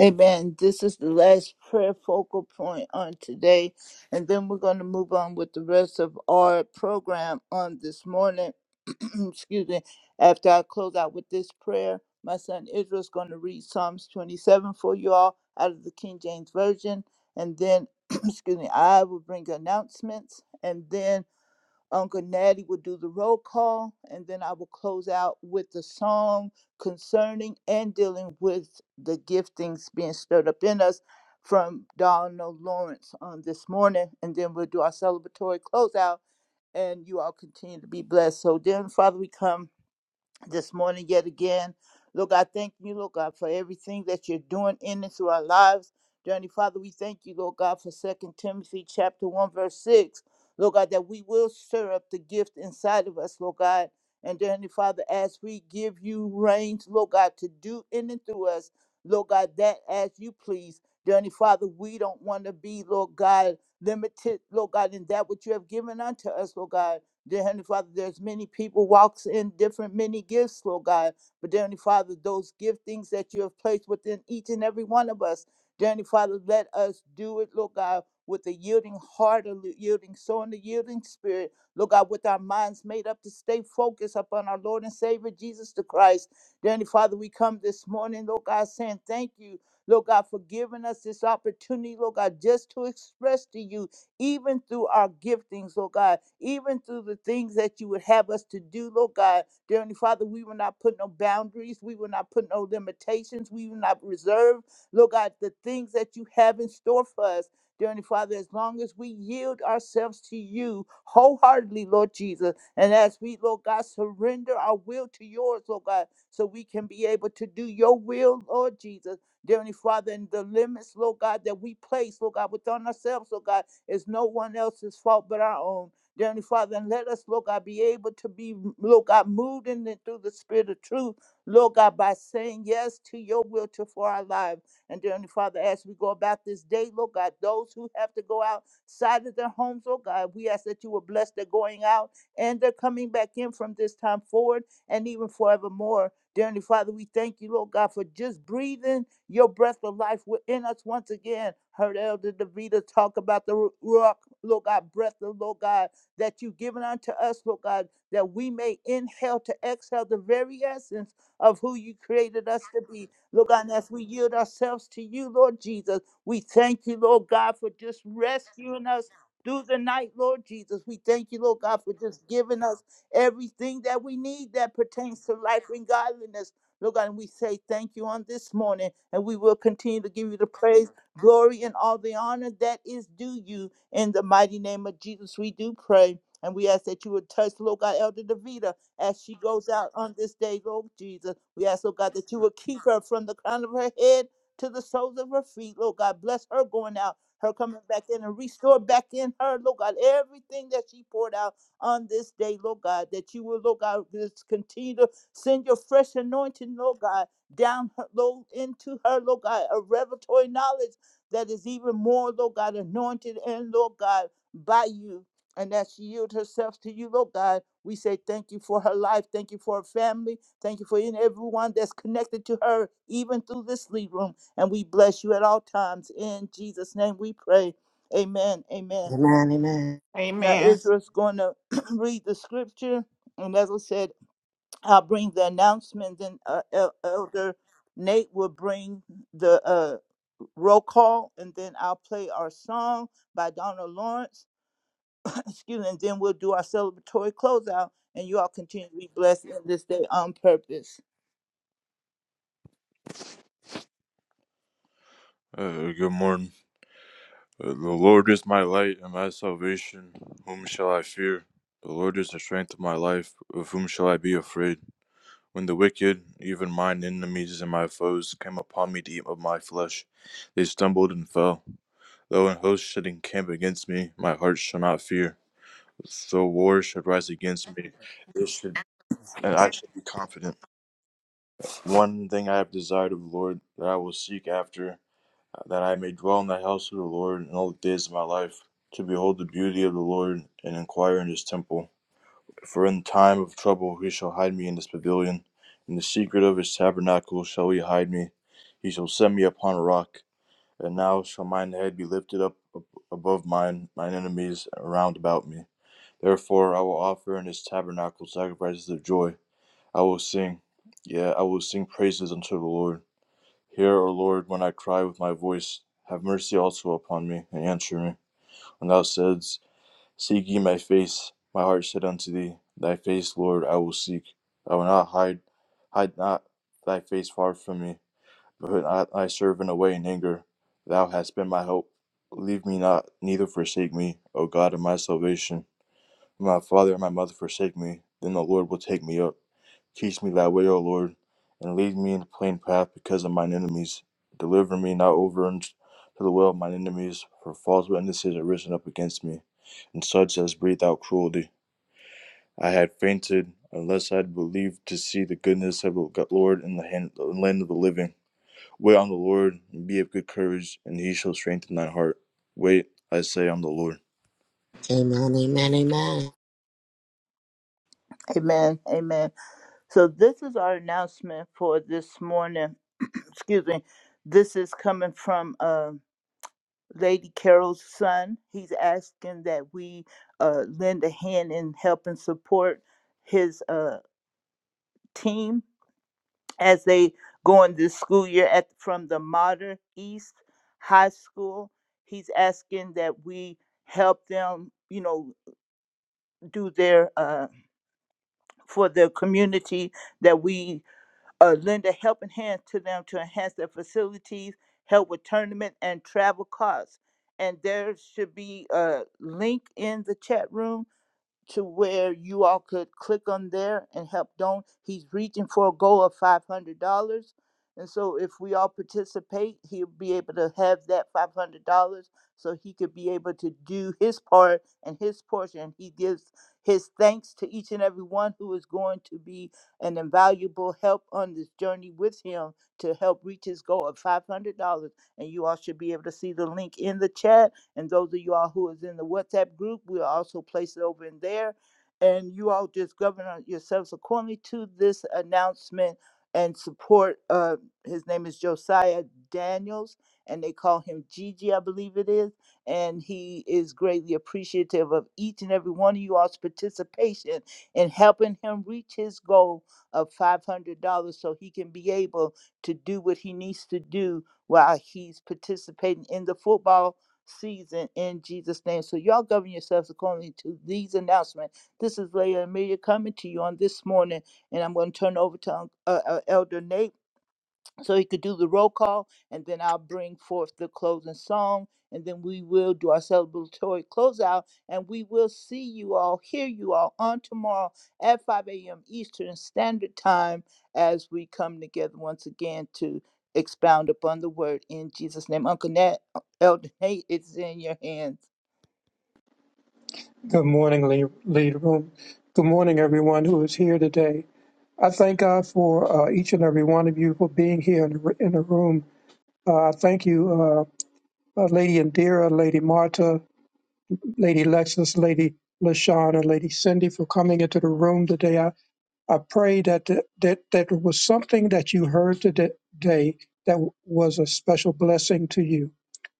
S7: Amen. This is the last prayer focal point on today, and then we're going to move on with the rest of our program on this morning. Excuse me. After I close out with this prayer, my son Israel's going to read Psalms 27 for you all out of the King James Version, and then, excuse me, I will bring announcements, and then. Uncle Natty will do the roll call, and then I will close out with the song concerning and dealing with the giftings being stirred up in us from Donald Lawrence on this morning, and then we'll do our celebratory closeout, and you all continue to be blessed. So then, Father, we come this morning yet again. Look, I thank you, Lord God, for everything that you're doing in and through our lives. Journey, Father, we thank you, Lord God, for Second Timothy chapter 1, verse 6. Lord God, that we will stir up the gift inside of us, Lord God. And Journey, Father, as we give you reins, Lord God, to do in and through us, Lord God, that as you please. Journey, Father, we don't want to be, Lord God, limited, Lord God, in that which you have given unto us, Lord God. Dear Heavenly Father, there's many people walks in different many gifts, Lord God. But dear Heavenly Father, those giftings that you have placed within each and every one of us, dear Heavenly Father, let us do it, Lord God, with a yielding heart, a li- yielding soul, and a yielding spirit, Lord God, with our minds made up to stay focused upon our Lord and Savior Jesus the Christ. Dear Heavenly Father, we come this morning, Lord God, saying thank you, Lord God, for giving us this opportunity, Lord God, just to express to you even through our giftings, Lord God, even through the things that you would have us to do, Lord God. Dear Heavenly Father, we will not put no boundaries, we will not put no limitations, we will not reserve, Lord God, the things that you have in store for us. Dear Heavenly Father, as long as we yield ourselves to you wholeheartedly, Lord Jesus, and as we, Lord God, surrender our will to yours, Lord God, so we can be able to do your will, Lord Jesus. Dear Heavenly Father, and the limits, Lord God, that we place, Lord God, within ourselves, Lord God. It's no one else's fault but our own. Dear Heavenly Father, and let us, Lord God, be able to be, Lord God, moved in and through the spirit of truth, Lord God, by saying yes to your will to for our lives. And dear Heavenly Father, as we go about this day, Lord God, those who have to go outside of their homes, Lord God, we ask that you will bless their going out and their coming back in from this time forward and even forevermore. Dear Heavenly Father, we thank you, Lord God, for just breathing your breath of life within us once again. Heard Elder Davida talk about the Ruach, Lord God, breath of Lord God, that you've given unto us, Lord God, that we may inhale to exhale the very essence of who you created us to be. Lord God, and as we yield ourselves to you, Lord Jesus, we thank you, Lord God, for just rescuing us through the night, Lord Jesus. We thank you, Lord God, for just giving us everything that we need that pertains to life and godliness. Lord God, and we say thank you on this morning, and we will continue to give you the praise, glory, and all the honor that is due you. In the mighty name of Jesus, we do pray. And we ask that you would touch, Lord God, Elder Davida as she goes out on this day, Lord Jesus. We ask, Lord God, that you would keep her from the crown of her head to the soles of her feet, Lord God. Bless her going out, her coming back in, and restore back in her, Lord God, everything that she poured out on this day, Lord God, that you will, Lord God, just continue to Send your fresh anointing, Lord God, down her, Lord, into her, Lord God, a revelatory knowledge that is even more, Lord God, anointed and, Lord God, by you. And that she yield herself to you, Lord God. We say thank you for her life. Thank you for her family. Thank you for in everyone that's connected to her, even through this lead room. And we bless you at all times. In Jesus' name we pray. Amen. Amen.
S5: Amen, amen.
S7: Now
S3: Amen.
S7: Israel's going to read the scripture. And as I said, I'll bring the announcement, then uh, El- Elder Nate will bring the uh, roll call, and then I'll play our song by Donna Lawrence. Excuse me, and then we'll do our celebratory closeout, and you all continue to be blessed in this day on purpose. Uh, good morning. Uh, the Lord is my light and my salvation. Whom shall I fear? The Lord is the strength of my life. Of whom shall I be afraid? When the wicked, even mine enemies and my foes, came upon me to eat of my flesh, they stumbled and fell. Though an host should encamp against me, my heart shall not fear. Though war should rise against me, it should, and I should be confident. One thing I have desired of the Lord, that I will seek after, that I may dwell in the house of the Lord in all the days of my life, to behold the beauty of the Lord and inquire in his temple. For in time of trouble he shall hide me in his pavilion. In the secret of his tabernacle shall he hide me. He shall set me upon a rock. And now shall mine head be lifted up above mine, mine enemies round about me. Therefore I will offer in his tabernacle sacrifices of joy. I will sing, yea, I will sing praises unto the Lord. Hear, O Lord, when I cry with my voice. Have mercy also upon me, and answer me. When thou saidst, Seek ye my face, my heart said unto thee, Thy face, Lord, I will seek. I will not hide, hide not thy face far from me, but put not thy servant away in anger. Thou hast been my help. Leave me not, neither forsake me, O God of my salvation. My father and my mother forsake me, then the Lord will take me up. Teach me thy way, O Lord, and lead me in the plain path because of mine enemies. Deliver me not over unto the will of mine enemies, for false witnesses are risen up against me, and such as breathe out cruelty. I had fainted unless I had believed to see the goodness of the Lord in the hand, the land of the living. Wait on the Lord, and be of good courage, and he shall strengthen thy heart. Wait, I say, on the Lord.
S5: Amen, amen, amen.
S7: Amen. Amen. So this is our announcement for this morning. Excuse me. This is coming from uh, Lady Carol's son. He's asking that we uh, lend a hand in helping support his uh, team as they go in this school year at from the Modern East High School. He's asking that we help them, you know, do their uh, for their community that we uh, lend a helping hand to them to enhance their facilities, help with tournament and travel costs. And there should be a link in the chat room to where you all could click on there and help Don. He's reaching for a goal of five hundred dollars. And so if we all participate, he'll be able to have that five hundred dollars so he could be able to do his part and his portion. He gives his thanks to each and every one who is going to be an invaluable help on this journey with him to help reach his goal of five hundred dollars. And you all should be able to see the link in the chat and those of you all who is in the WhatsApp group, we'll also place it over in there. And you all just govern uh, yourselves accordingly to this announcement and support. Uh, his name is Josiah Daniels, and they call him Gigi, I believe it is. And he is greatly appreciative of each and every one of you all's participation in helping him reach his goal of $500 so he can be able to do what he needs to do while he's participating in the football season in Jesus' name. So y'all govern yourselves according to these announcements. This is Leah Amelia coming to you on this morning, and I'm going to turn over to uh, uh, Elder Nate so he could do the roll call, and then I'll bring forth the closing song, and then we will do our celebratory closeout, and we will see you all, hear you all on tomorrow at 5 a.m. Eastern Standard Time as we come together once again to expound upon the word in Jesus' name. Uncle Nat, uh, Elder Nate, it's in your hands.
S2: Good morning, lead, lead room. Good morning, everyone who is here today. I thank God for uh, each and every one of you for being here in the, in the room. Uh, I thank you, uh, uh, Lady Indira, Lady Marta, Lady Lexis, Lady LaShawn, and Lady Cindy for coming into the room today. I pray that the, that that it was something that you heard today that was a special blessing to you.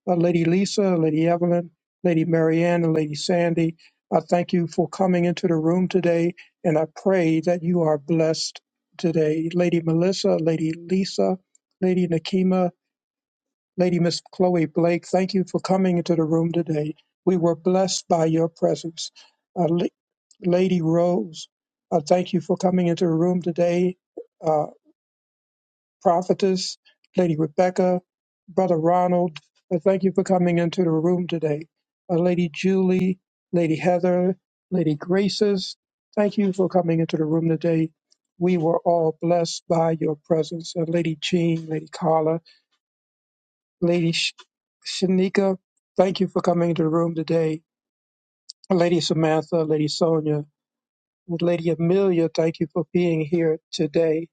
S2: Uh, Lady Lisa, Lady Evelyn, Lady Marianne, and Lady Sandy, I thank you for coming into the room today, and I pray that you are blessed today. Lady Melissa, Lady Lisa, Lady Nakima, Lady Miss Chloe Blake, thank you for coming into the room today. We were blessed by your presence. Uh, La- Lady Rose, uh, thank you for coming into the room today. Uh, Prophetess, Lady Rebecca, Brother Ronald, uh, thank you for coming into the room today. Uh, Lady Julie, Lady Heather, Lady Graces, thank you for coming into the room today. We were all blessed by your presence. Uh, Lady Jean, Lady Carla, Lady Sh- Shanika, thank you for coming into the room today. Lady Samantha, Lady Sonia, and Lady Amelia, thank you for being here today.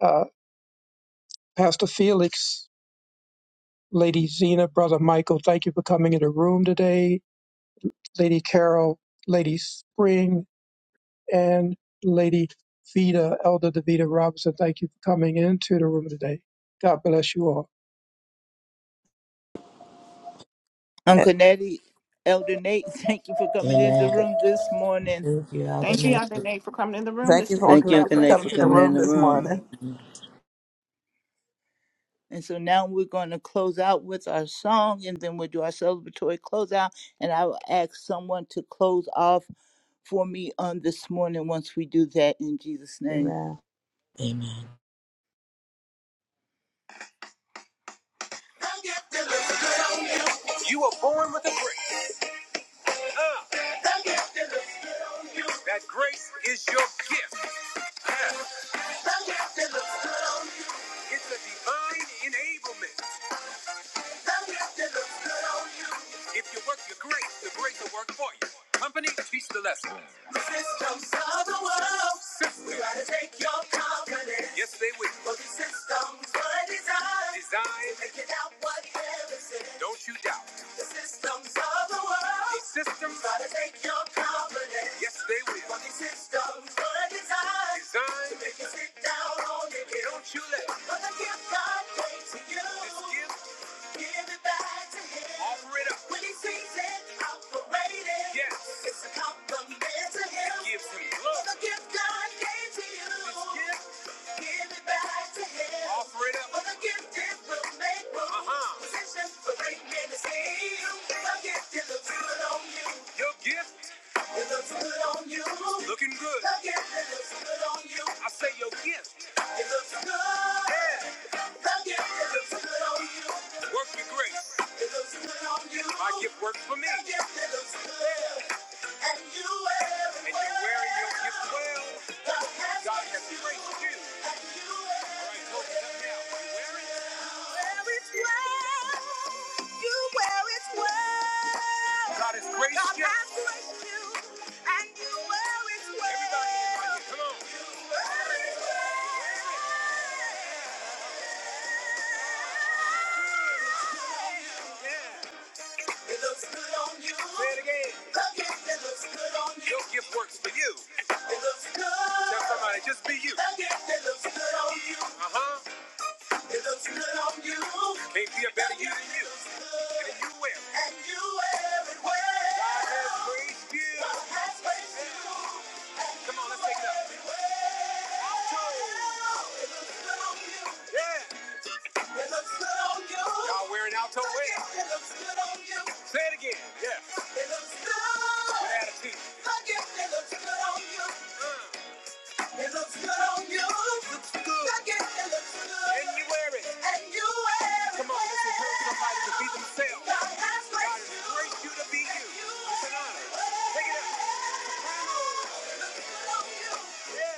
S2: Uh, Pastor Felix, Lady Zena, Brother Michael, thank you for coming into the room today. Lady Carol, Lady Spring, and Lady Vita, Elder Davita Robinson, thank you for coming into the room today. God bless you all.
S7: Uncle Nettie, Elder Nate, thank you for coming in the
S5: Amen.
S7: room this morning.
S5: Thank you,
S3: Thank you, Yahweh.
S5: Adonai.
S6: Thank you for
S10: Thank
S6: Uncle
S10: you,
S6: Lady
S10: Uncle
S6: for
S10: Nate,
S6: coming
S10: for
S6: to the
S10: coming in
S6: room
S10: the
S6: this
S10: room.
S6: morning.
S7: And so now we're going to close out with our song and then we'll do our celebratory closeout. And I will ask someone to close off for me on this morning once we do that in Jesus' name.
S6: Amen.
S5: Amen.
S7: You were born with a grace. Uh, that grace is your gift. Uh, It's a divine enablement. If you work your grace, the grace will work for you. Company, teach the lesson. The systems of the world System. try to take your confidence. Yes, they will. But the systems were designed, designed to make it out what heaven said. Don't you doubt. The systems of the world. The systems try to take your confidence. Yes, they will. But the systems were designed, designed to make you sit down on your hill. Don't you let. But the gift God gave to you. this gift your gift it looks good on you. Looking good. Look it, it looks good on you. I say your gift. It looks good. Yeah. Look it, it looks good on you. Work your grace. It looks good on you. My gift works for me. Look it, it looks good. And you wear it well. And you wearing your gift well. God has great to do. All right, so come now. Where is it? Where is well. You where is well. God has graced God you. God has graced you. And you where is well. Everybody is right here. Come on. You where is well. It looks good on you. Say it again. Look it, it looks good on you. Your gift works for you. It looks good. Tell somebody, just be you. Look it, it looks good on you. Uh-huh. It looks good on you. Can't be a better you than you. And you will. And you will. It will. God has graced you. God has graced you. Come on, let's take it up. Alto! Yeah! It looks good on you. Y'all wearing alto wear. It looks good on you. Say it again. Yeah. It looks good. Good attitude. it, it looks good on you. Uh. It looks good on you. It Looks good. Look it, it looks good. And you wear it. And you wear it. Come on, let's encourage somebody to be themselves. God has graced you. God has graced you. to be you. you It's an honor. Take it up. It looks good on you. Yeah.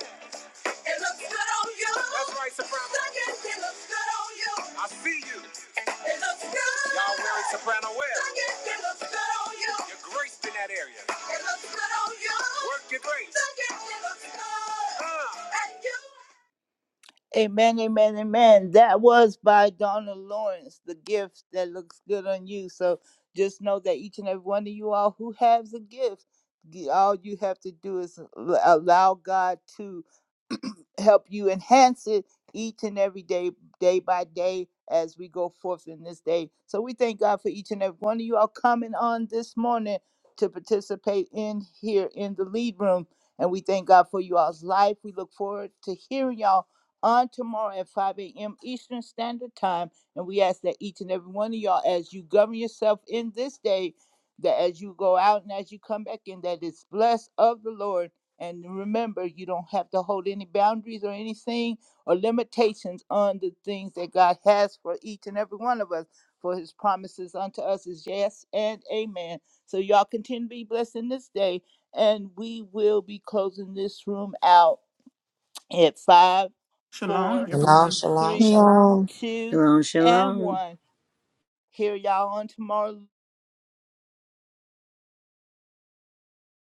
S7: It looks good on you. That's right, soprano. Look at it, it looks good on you. I see you. It looks good. Y'all wearing soprano wear. Look at it, it looks good on you. You're graced in that area. It looks good on you. Work your grace. Look at it, it looks good. Uh. And you. Amen, amen, amen. That was by Donna Lawrence, the gift that looks good on you. So just know that each and every one of you all who has a gift, the- all you have to do is l- allow God to help you enhance it each and every day, day by day, as we go forth in this day. So we thank God for each and every one of you all coming on this morning to participate in here in the lead room. And we thank God for you all's life. We look forward to hearing y'all on tomorrow at 5 a.m. Eastern Standard Time. And we ask that each and every one of y'all, as you govern yourself in this day, that as you go out and as you come back in, that it's blessed of the Lord. And remember, you don't have to hold any boundaries or anything or limitations on the things that God has for each and every one of us. For his promises unto us is yes and amen. So y'all continue to be blessed in this day. And we will be closing this room out at five,
S3: Shalom,
S7: four,
S3: everyone.
S7: three,
S11: Shalom.
S7: two,
S10: Shalom,
S7: and
S10: shalom.
S7: one. Hear y'all on tomorrow.